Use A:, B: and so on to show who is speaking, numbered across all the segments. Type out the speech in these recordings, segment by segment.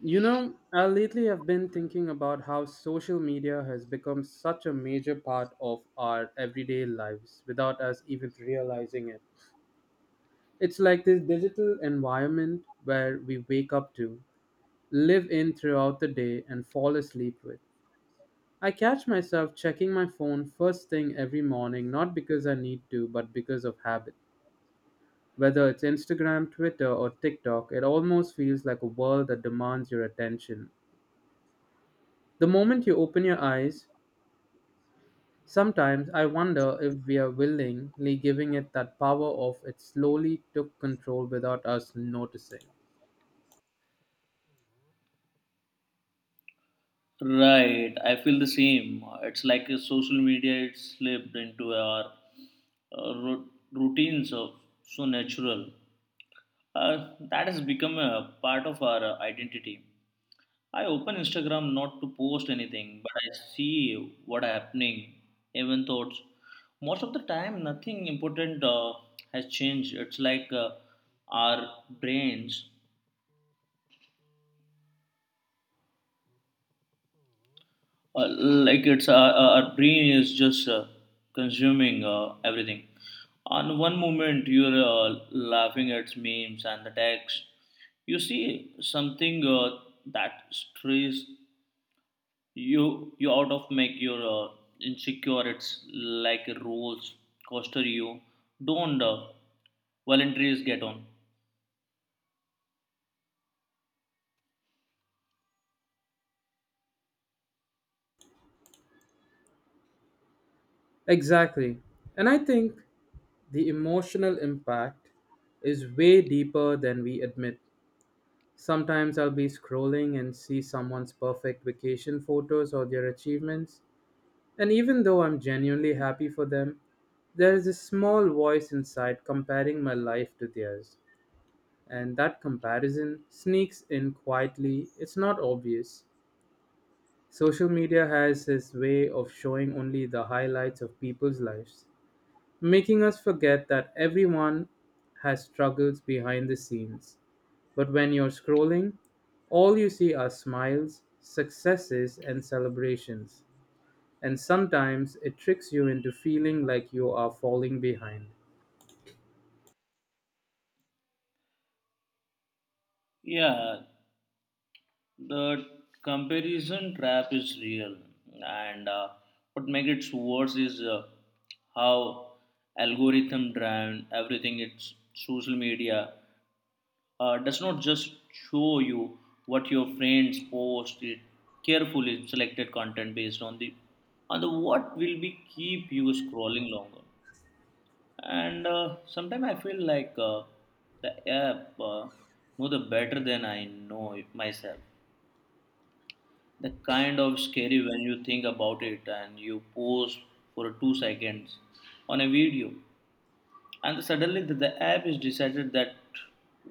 A: You know, I lately have been thinking about how social media has become such a major part of our everyday lives without us even realizing it. It's like this digital environment where we wake up to, live in throughout the day, and fall asleep with. I catch myself checking my phone first thing every morning, not because I need to, but because of habit. Whether it's Instagram, Twitter, or TikTok, it almost feels like a world that demands your attention. The moment you open your eyes, sometimes I wonder if we are willingly giving it that power of it slowly took control without us noticing.
B: Right, I feel the same. It's like a social media it's slipped into our routines of so natural. That has become a part of our identity. I open Instagram not to post anything, but I see what happening, even thoughts. Most of the time, nothing important has changed. It's like our brains like it's our brain is just consuming everything on one moment you're laughing at memes and the text you see something that stress you you out of make your insecure it's like a rules coaster you don't volunteers get on.
A: Exactly. And I think the emotional impact is way deeper than we admit. Sometimes I'll be scrolling and see someone's perfect vacation photos or their achievements, and even though I'm genuinely happy for them, there is a small voice inside comparing my life to theirs. And that comparison sneaks in quietly, it's not obvious. Social media has its way of showing only the highlights of people's lives, making us forget that everyone has struggles behind the scenes. But when you're scrolling, all you see are smiles, successes, and celebrations. And sometimes it tricks you into feeling like you are falling behind.
B: Yeah, the comparison trap is real, and what makes it worse is how algorithm driven everything. It's social media does not just show you what your friends post. It carefully selected content based on the what will be keep you scrolling longer. And sometimes I feel like the app know the better than I know it myself. That kind of scary when you think about it and you pause for 2 seconds on a video and suddenly the app is decided that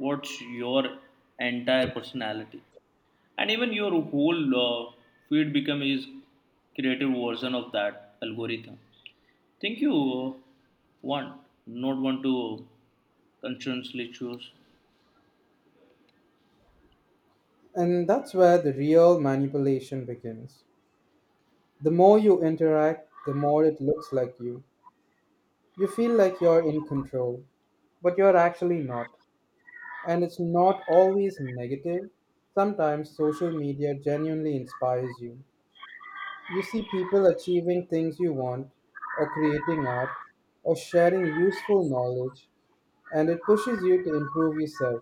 B: what's your entire personality and even your whole feed become is creative version of that algorithm think you want not want to consciously choose.
A: And that's where the real manipulation begins. The more you interact, the more it looks like you. You feel like you're in control, but you're actually not. And it's not always negative. Sometimes social media genuinely inspires you. You see people achieving things you want, or creating art, or sharing useful knowledge, and it pushes you to improve yourself.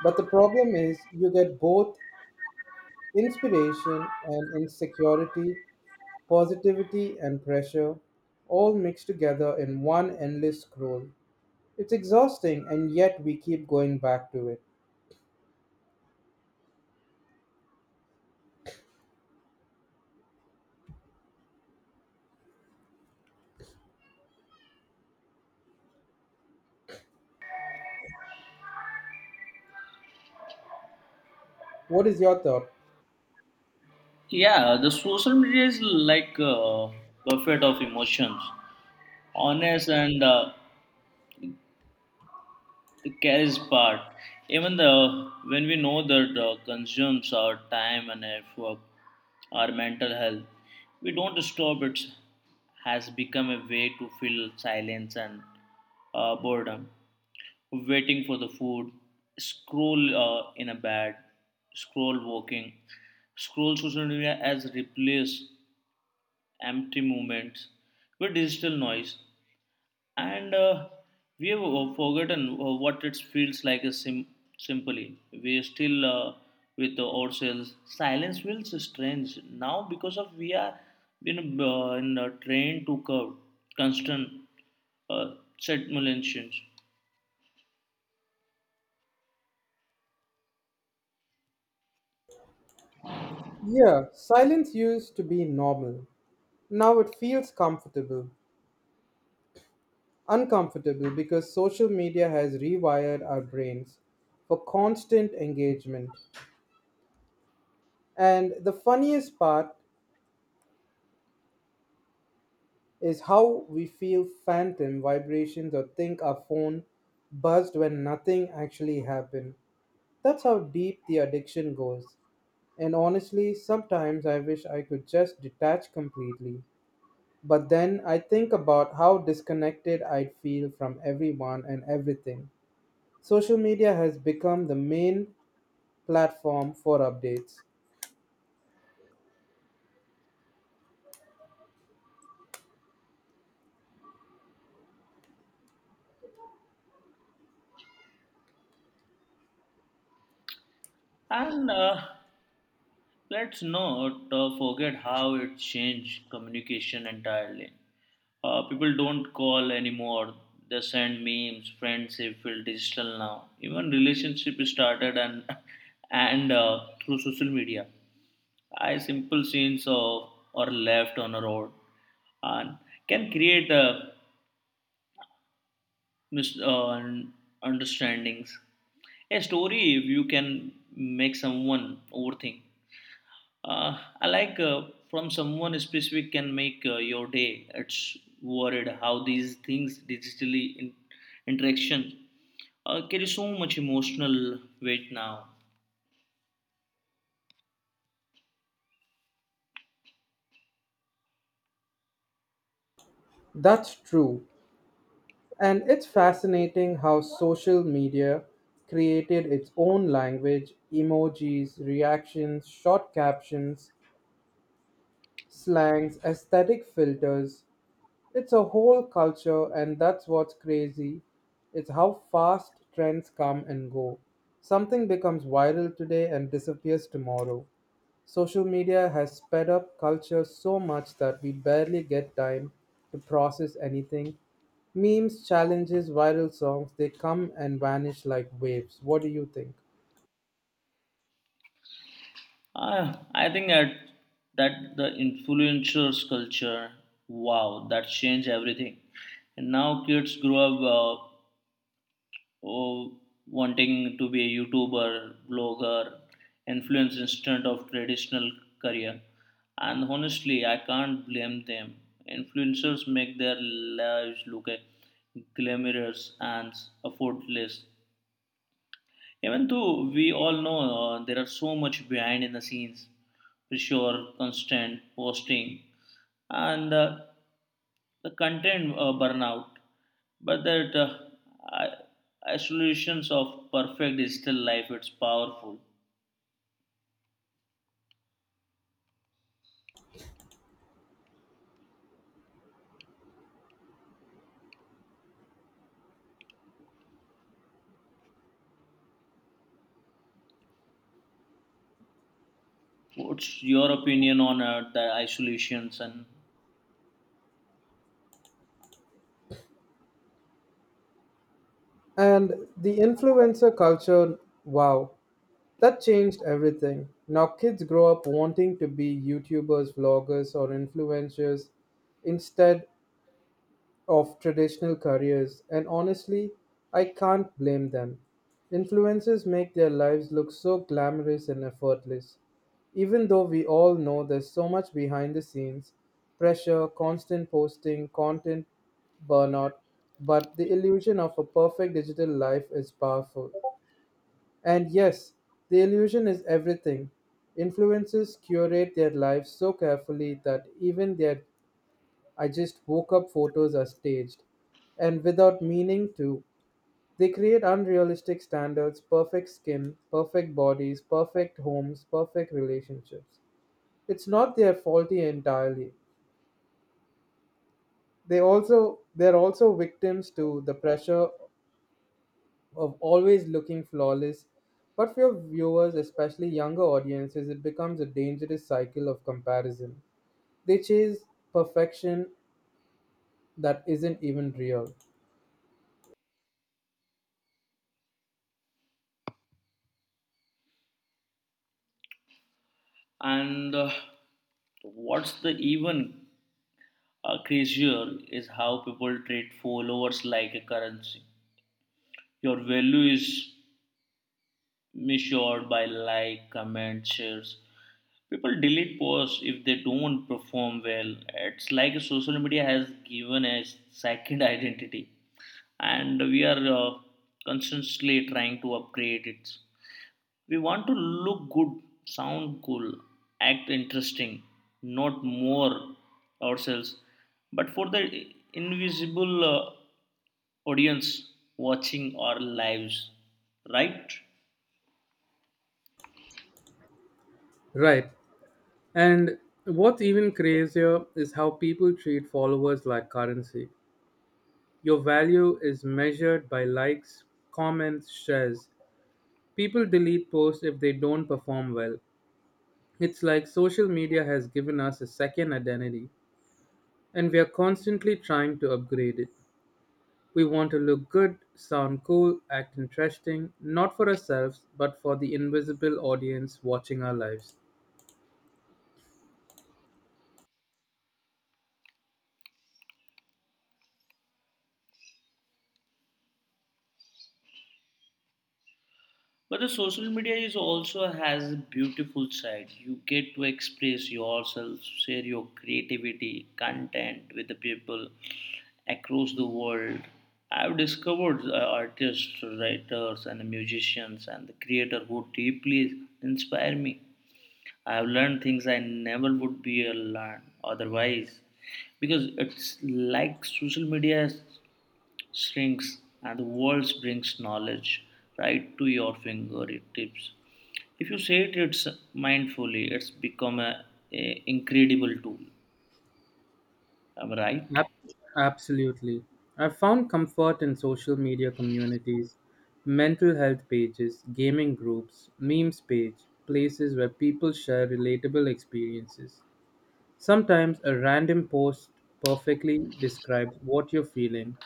A: But the problem is, you get both inspiration and insecurity, positivity and pressure, all mixed together in one endless scroll. It's exhausting, and yet we keep going back to it. What is your thought?
B: Yeah, the social media is like a buffet of emotions honest and the cash part even the when we know that consumes our time and effort our mental health we don't stop it has become a way to fill silence and boredom waiting for the food scroll in a bed scroll walking scroll social media as replace empty moments with digital noise and we have forgotten what it feels like simply we are still with ourselves silence feels strange now because of we are you in a train to curve constant stimulations.
A: Yeah, silence used to be normal. Now it feels comfortable. Uncomfortable because social media has rewired our brains for constant engagement. And the funniest part is how we feel phantom vibrations or think our phone buzzed when nothing actually happened. That's how deep the addiction goes. And honestly, sometimes I wish I could just detach completely. But then I think about how disconnected I'd feel from everyone and everything. Social media has become the main platform for updates.
B: And let's not forget how it changed communication entirely. People don't call anymore. They send memes. Friendship feel digital now. Even relationship started and and through social media. I simple scenes of or left on a road and can create a mis- uh, un- understandings. A story if you can make someone overthink. I like from someone specific can make your day. It's worried how these things digitally interaction carry so much emotional weight now.
A: That's true. And it's fascinating how social media created its own language, emojis, reactions, short captions, slangs, aesthetic filters. It's a whole culture, and that's what's crazy. It's how fast trends come and go. Something becomes viral today and disappears tomorrow. Social media has sped up culture so much that we barely get time to process anything. Memes, challenges, viral songs, they come and vanish like waves. What do you think?
B: I think that the influencers culture, wow, that changed everything. And now kids grow up. Uh, oh, wanting to be a YouTuber, blogger, influencer instead of traditional career. And honestly, I can't blame them. Influencers make their lives look a glamorous and effortless. Even though we all know there are so much behind in the scenes, pressure, constant posting, and the content burnout, but that i- isolations of perfect digital life, it's powerful. What's your opinion on the isolations
A: And the influencer culture, wow, that changed everything. Now kids grow up wanting to be YouTubers, vloggers, or influencers instead of traditional careers, and honestly, I can't blame them. Influencers make their lives look so glamorous and effortless, even though we all know there's so much behind the scenes pressure, constant posting, content burnout, but the illusion of a perfect digital life is powerful. And yes, the illusion is everything. Influencers curate their lives so carefully that even their I just woke up photos are staged. And without meaning to, they create unrealistic standards, perfect skin, perfect bodies, perfect homes, perfect relationships. It's not their faulty entirely. They're also victims to the pressure of always looking flawless. But for your viewers, especially younger audiences, it becomes a dangerous cycle of comparison. They chase perfection that isn't even real.
B: and what's the even crazier is how people treat followers like a currency. Your value is measured by like, comment, shares. People delete posts if they don't perform well. It's like social media has given a second identity, and we are constantly trying to upgrade it. We want to look good, sound cool, act interesting, not more ourselves, but for the invisible audience watching our lives, right?
A: Right. And what's even crazier is how people treat followers like currency. Your value is measured by likes, comments, shares. People delete posts if they don't perform well. It's like social media has given us a second identity, and we are constantly trying to upgrade it. We want to look good, sound cool, act interesting, not for ourselves, but for the invisible audience watching our lives.
B: But the social media is also has a beautiful side. You get to express yourself, share your creativity, content with the people across the world. I've discovered artists, writers, and musicians, and the creator who deeply inspire me. I've learned things I never would be learned otherwise, because it's like social media shrinks and the world brings knowledge right to your fingertips. If you say it it's mindfully, it's become a incredible tool. Am I right?
A: Ab- absolutely. I've found comfort in social media communities, mental health pages, gaming groups, memes page, places where people share relatable experiences. Sometimes a random post perfectly describes what you're feeling,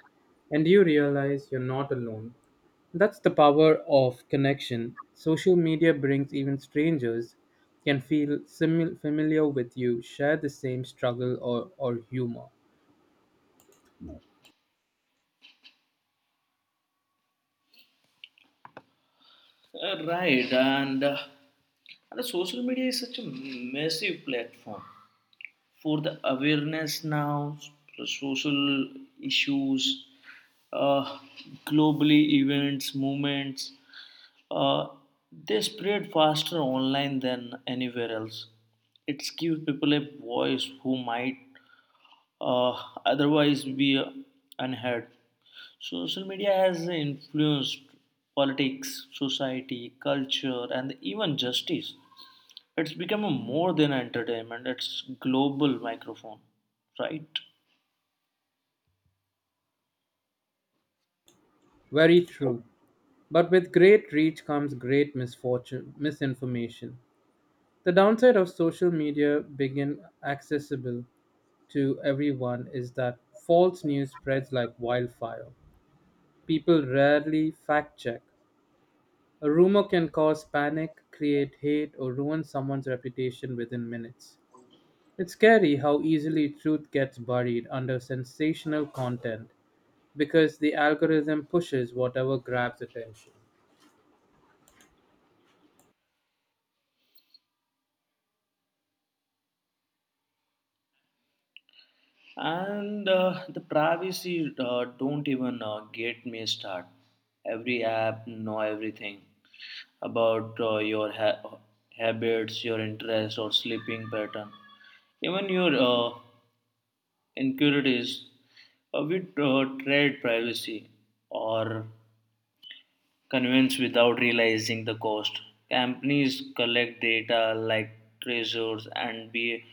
A: and you realize you're not alone. That's the power of connection. Social media brings even strangers can feel familiar with you, share the same struggle or humor.
B: Right, and and the social media is such a massive platform for the awareness now, the social issues, uh, globally events, movements, uh, they spread faster online than anywhere else. It gives people a voice who might uh, otherwise be unheard. Social media has influenced politics, society, culture, and even justice. It's become a more than entertainment, it's global microphone, right?
A: Very true. But with great reach comes great misfortune, misinformation. The downside of social media being accessible to everyone is that false news spreads like wildfire. People rarely fact check. A rumor can cause panic, create hate, or ruin someone's reputation within minutes. It's scary how easily truth gets buried under sensational content because the algorithm pushes whatever grabs attention.
B: And the privacy don't even get me start. Every app know everything about your habits, your interest or sleeping pattern, even your inquiries. We trade privacy or convince without realizing the cost. Companies collect data like treasures and be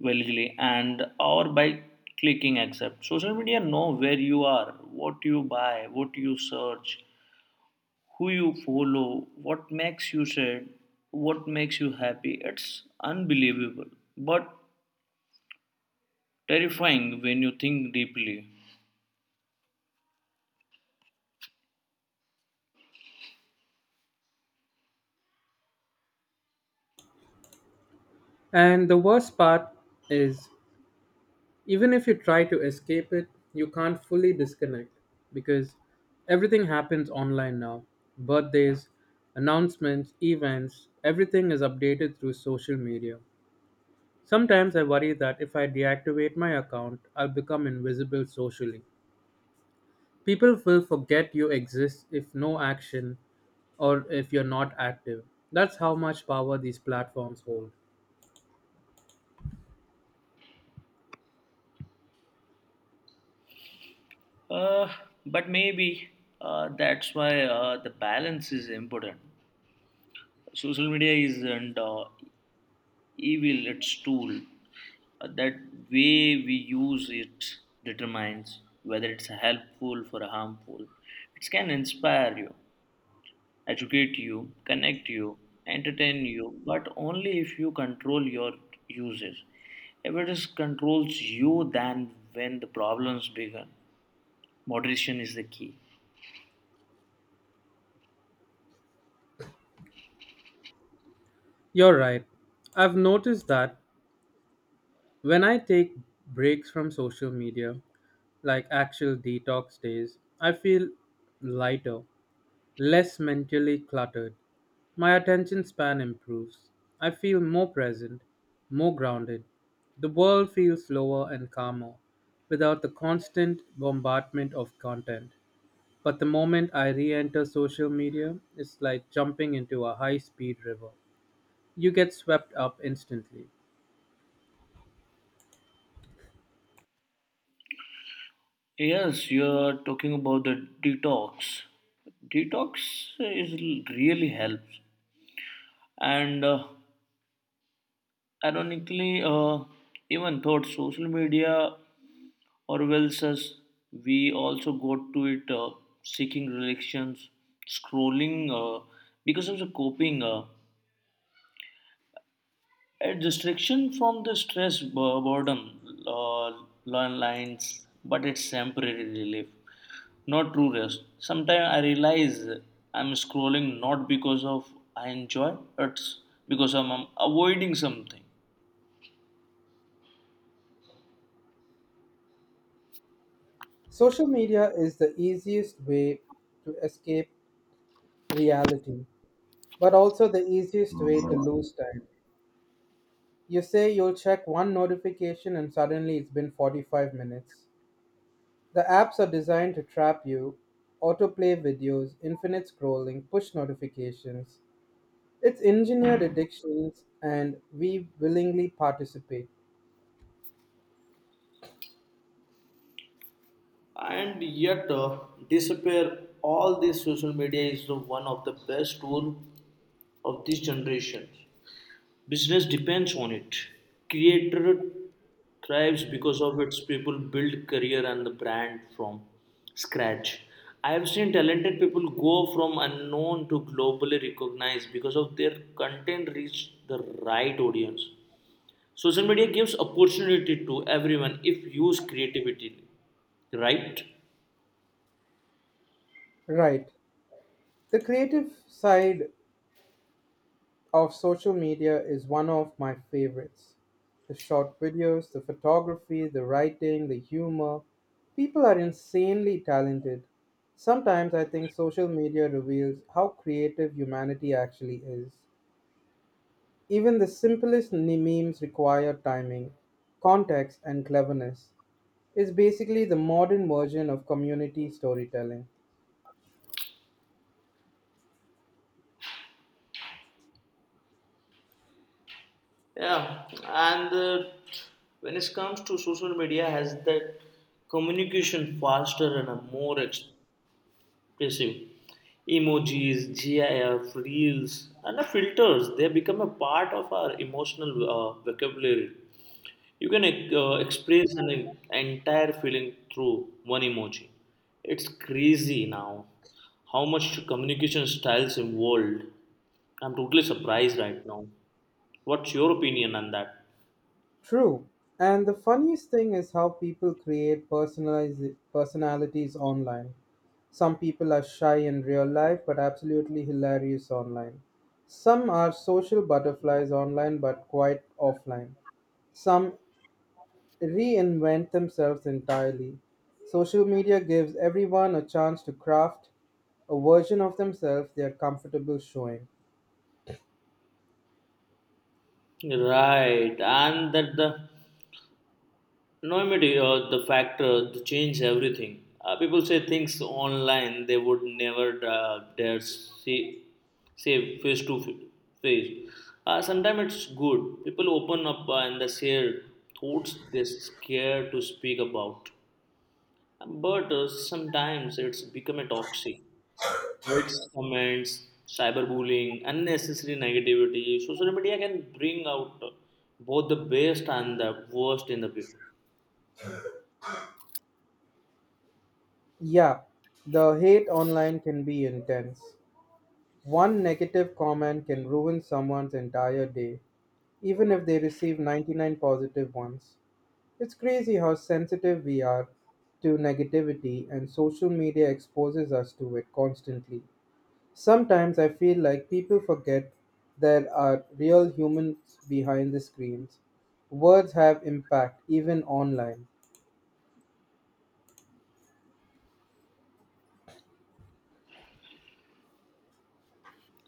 B: willingly and or by clicking accept. Social media know where you are, what you buy, what you search, who you follow, what makes you sad, what makes you happy. It's unbelievable, but terrifying when you think deeply.
A: And the worst part is, even if you try to escape it, you can't fully disconnect because everything happens online now. Birthdays, announcements, events, everything is updated through social media. Sometimes I worry that if I deactivate my account, I'll become invisible socially. People will forget you exist if no action or if you're not active. That's how much power these platforms hold.
B: Uh, but maybe that's why the balance is important. Social media is not evil its tool. That way we use it determines whether it's helpful or harmful. It can inspire you, educate you, connect you, entertain you, but only if you control your uses. If it is controls you then when the problems begin, moderation is the key.
A: You're right. I've noticed that when I take breaks from social media, like actual detox days, I feel lighter, less mentally cluttered. My attention span improves. I feel more present, more grounded. The world feels slower and calmer without the constant bombardment of content. But the moment I re enter social media, it's like jumping into a high speed river. You get swept up instantly.
B: Yes, you are talking about the detox detox is really helps. And ironically, even thought social media Orwell's us, we also go to it seeking relations, scrolling because of the coping, a distraction from the stress, boredom, uh, long lines, but it's temporary relief, not true rest. Sometimes I realize I'm scrolling not because of I enjoy, it's because I'm avoiding something.
A: Social media is the easiest way to escape reality, but also the easiest way to lose time. You say you'll check one notification and suddenly it's been 45 minutes. The apps are designed to trap you autoplay videos, infinite scrolling, push notifications. It's engineered addictions, and we willingly participate.
B: And yet disappear all this social media is the one of the best tool of this generation. Business depends on it. Creator thrives because of its people build career and the brand from scratch. I have seen talented people go from unknown to globally recognized because of their content reach the right audience. Social media gives opportunity to everyone if used creativity, right?
A: Right. The creative side of social media is one of my favorites. The short videos, the photography, the writing, the humor. People are insanely talented. Sometimes I think social media reveals how creative humanity actually is. Even the simplest memes require timing, context, and cleverness. It's basically the modern version of community storytelling.
B: Yeah, and when it comes to social media, has that communication faster and a more expressive. Emojis, GIF, reels, and the filters they become a part of our emotional vocabulary. You can express an entire feeling through one emoji. It's crazy now how much communication styles evolved? I'm totally surprised right now. What's your opinion on that?
A: True. And the funniest thing is how people create personalize personalities online. Some people are shy in real life but absolutely hilarious online. Some are social butterflies online but quite offline. Some reinvent themselves entirely. Social media gives everyone a chance to craft a version of themselves they are comfortable showing.
B: Right, and that the anonymity or the factor to change everything. People say things online they would never dare say, say face to face. Sometimes it's good. People open up and they share thoughts they're scared to speak about. But sometimes it's become a toxic. Hate comments, cyberbullying, unnecessary negativity. Social media can bring out both the best and the worst in the people.
A: Yeah, the hate online can be intense. One negative comment can ruin someone's entire day, even if they receive 99 positive ones. It's crazy how sensitive we are to negativity, and social media exposes us to it constantly. Sometimes I feel like people forget there are real humans behind the screens. Words have impact, even online.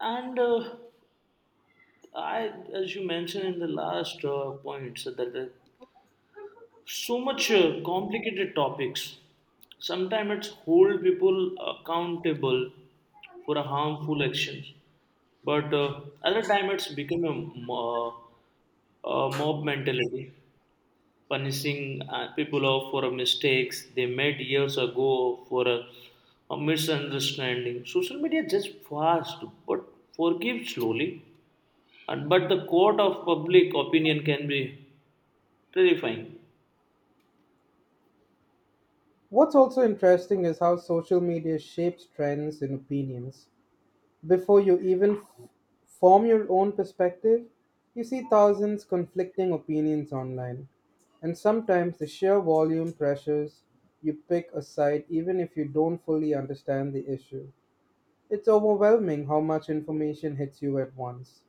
B: And I, as you mentioned in the last point, so that so much complicated topics. Sometimes it's hold people accountable for a harmful actions, but other time it's become a mo- mob mentality punishing people off for a mistakes they made years ago for a misunderstanding. Social media just fast but forgive slowly. And but the court of public opinion can be terrifying.
A: What's also interesting is how social media shapes trends and opinions. Before you even form your own perspective, you see thousands conflicting opinions online. And sometimes the sheer volume pressures you pick a side even if you don't fully understand the issue. It's overwhelming how much information hits you at once.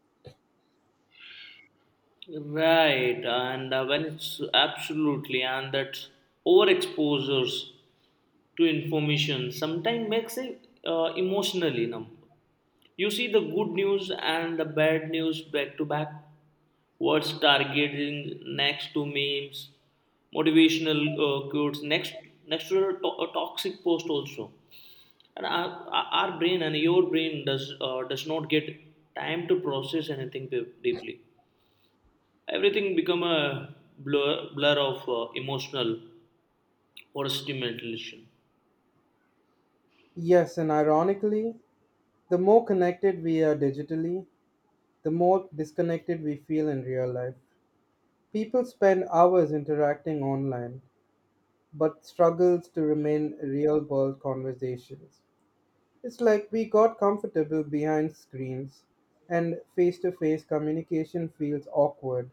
B: Right, and when it's absolutely and that overexposures to information sometimes makes it emotionally numb. You see the good news and the bad news back to back. Words targeting next to memes, motivational quotes next to a toxic post also. And our brain and your brain does not get time to process anything deeply. Everything become a blur of emotional or stimulation.
A: Yes, and ironically, the more connected we are digitally, the more disconnected we feel in real life. People spend hours interacting online, but struggles to remain real world conversations. It's like we got comfortable behind screens, and face to face communication feels awkward.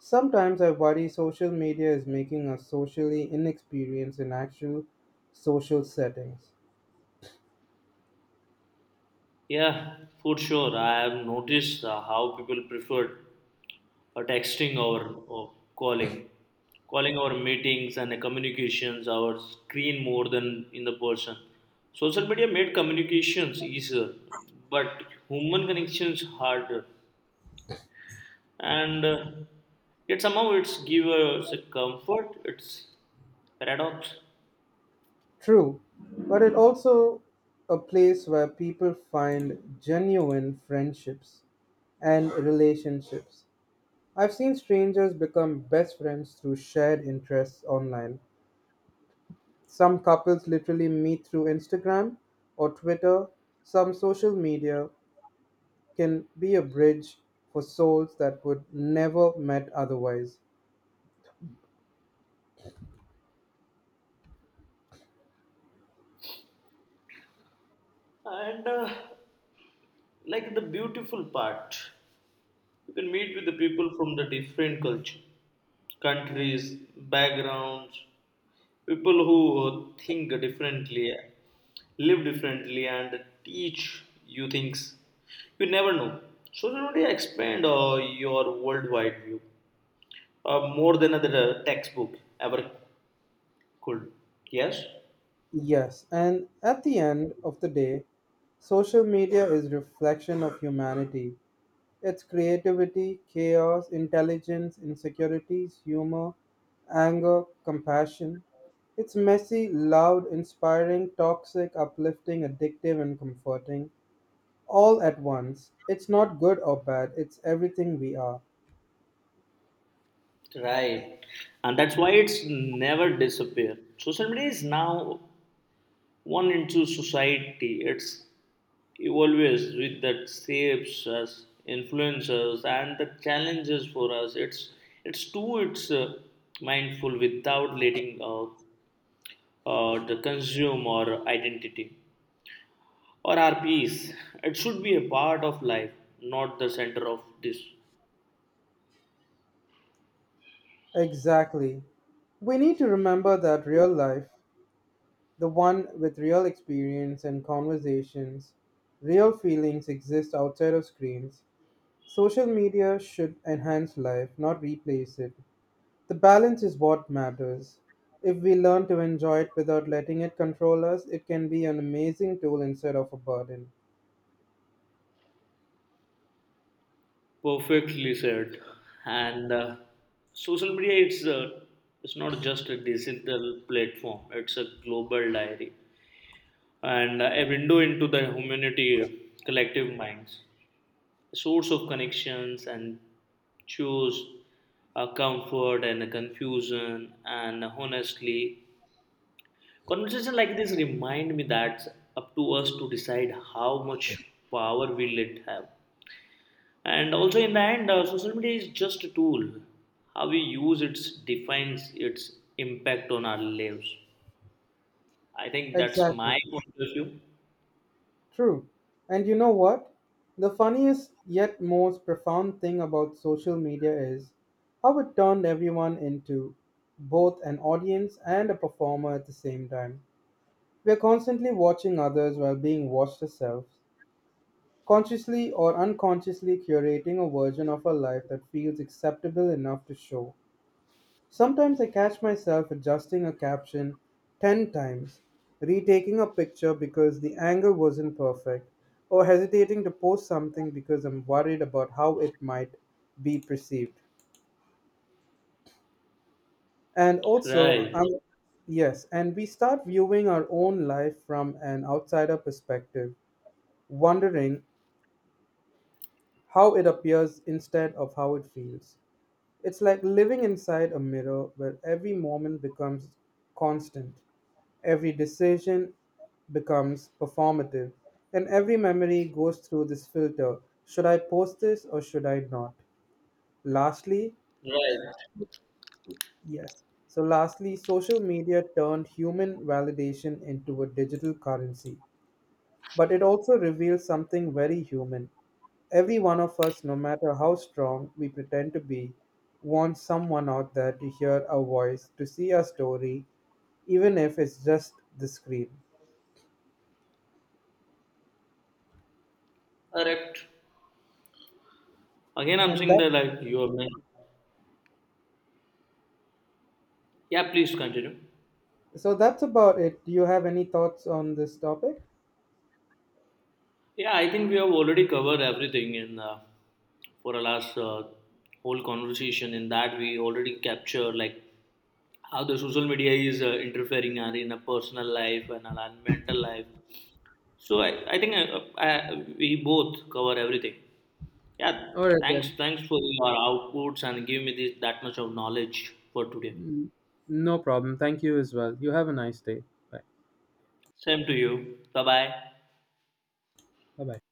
A: Sometimes I worry social media is making us socially inexperienced in actual social settings.
B: Yeah, for sure. I have noticed how people prefer or texting or calling calling our meetings and communications our screen more than in the person. Social media made communications easier but human connections harder and yet somehow it's give us a comfort, it's paradox.
A: True, but it also a place where people find genuine friendships and relationships. I've seen strangers become best friends through shared interests online. Some couples literally meet through Instagram or Twitter. Some social media can be a bridge for souls that would never met otherwise.
B: And like the beautiful part. You can meet with the people from the different culture, countries, backgrounds, people who think differently, live differently, and teach you things you never know. Social media expand your worldwide view more than another textbook ever could. Yes.
A: Yes, and at the end of the day, social media is reflection of humanity. Its creativity, chaos, intelligence, insecurities, humor, anger, compassion. It's messy, loud, inspiring, toxic, uplifting, addictive and comforting all at once. It's not good or bad, it's everything we are.
B: Right. And that's why it's never disappear. Social media is now one into society. It's evolves with that shapes us, influences, and the challenges for us. It's too it's mindful without letting the consume our identity or our peace. It should be a part of life, not the center of this.
A: Exactly. We need to remember that real life, the one with real experience and conversations. Real feelings exist outside of screens. Social media should enhance life, not replace it. The balance is what matters. If we learn to enjoy it without letting it control us, it can be an amazing tool instead of a burden.
B: Perfectly said. And social media it's not just a digital platform; it's a global diary and a window into the humanity collective minds, a source of connections and choose a comfort and a confusion, and honestly conversation like this remind me that up to us to decide how much power we let have. And also in the end social media is just a tool. How we use it defines its impact on our lives. I think that's
A: Exactly.
B: my point of view.
A: True. And you know what? The funniest yet most profound thing about social media is how it turned everyone into both an audience and a performer at the same time. We are constantly watching others while being watched ourselves, consciously or unconsciously curating a version of our life that feels acceptable enough to show. Sometimes I catch myself adjusting a caption 10 times, retaking a picture because the angle wasn't perfect, or hesitating to post something because I'm worried about how it might be perceived. And also,
B: Right.
A: I'm Yes, and we start viewing our own life from an outsider perspective, wondering how it appears instead of how it feels. It's like living inside a mirror where every moment becomes constant, every decision becomes performative, and every memory goes through this filter. Should I post this or should I not? Lastly,
B: Right.
A: yes. So, lastly, social media turned human validation into a digital currency. But it also reveals something very human. Every one of us, no matter how strong we pretend to be, wants someone out there to hear our voice, to see our story, even if it's just the screen.
B: Correct. Again, I'm
A: And
B: saying
A: that
B: that like you have mentioned. Yeah, please continue.
A: So that's about it. Do you have any thoughts on this topic?
B: Yeah, I think we have already covered everything in for our last whole conversation. In that, we already capture like how the social media is interfering our in a personal life and our mental life. So I think we both cover everything. Yeah,
A: All right then.
B: thanks for your outputs and give me this that much of knowledge for today.
A: Mm, No problem. Thank you as well. You have a nice day. Bye.
B: Same to you. Bye bye.
A: Bye bye.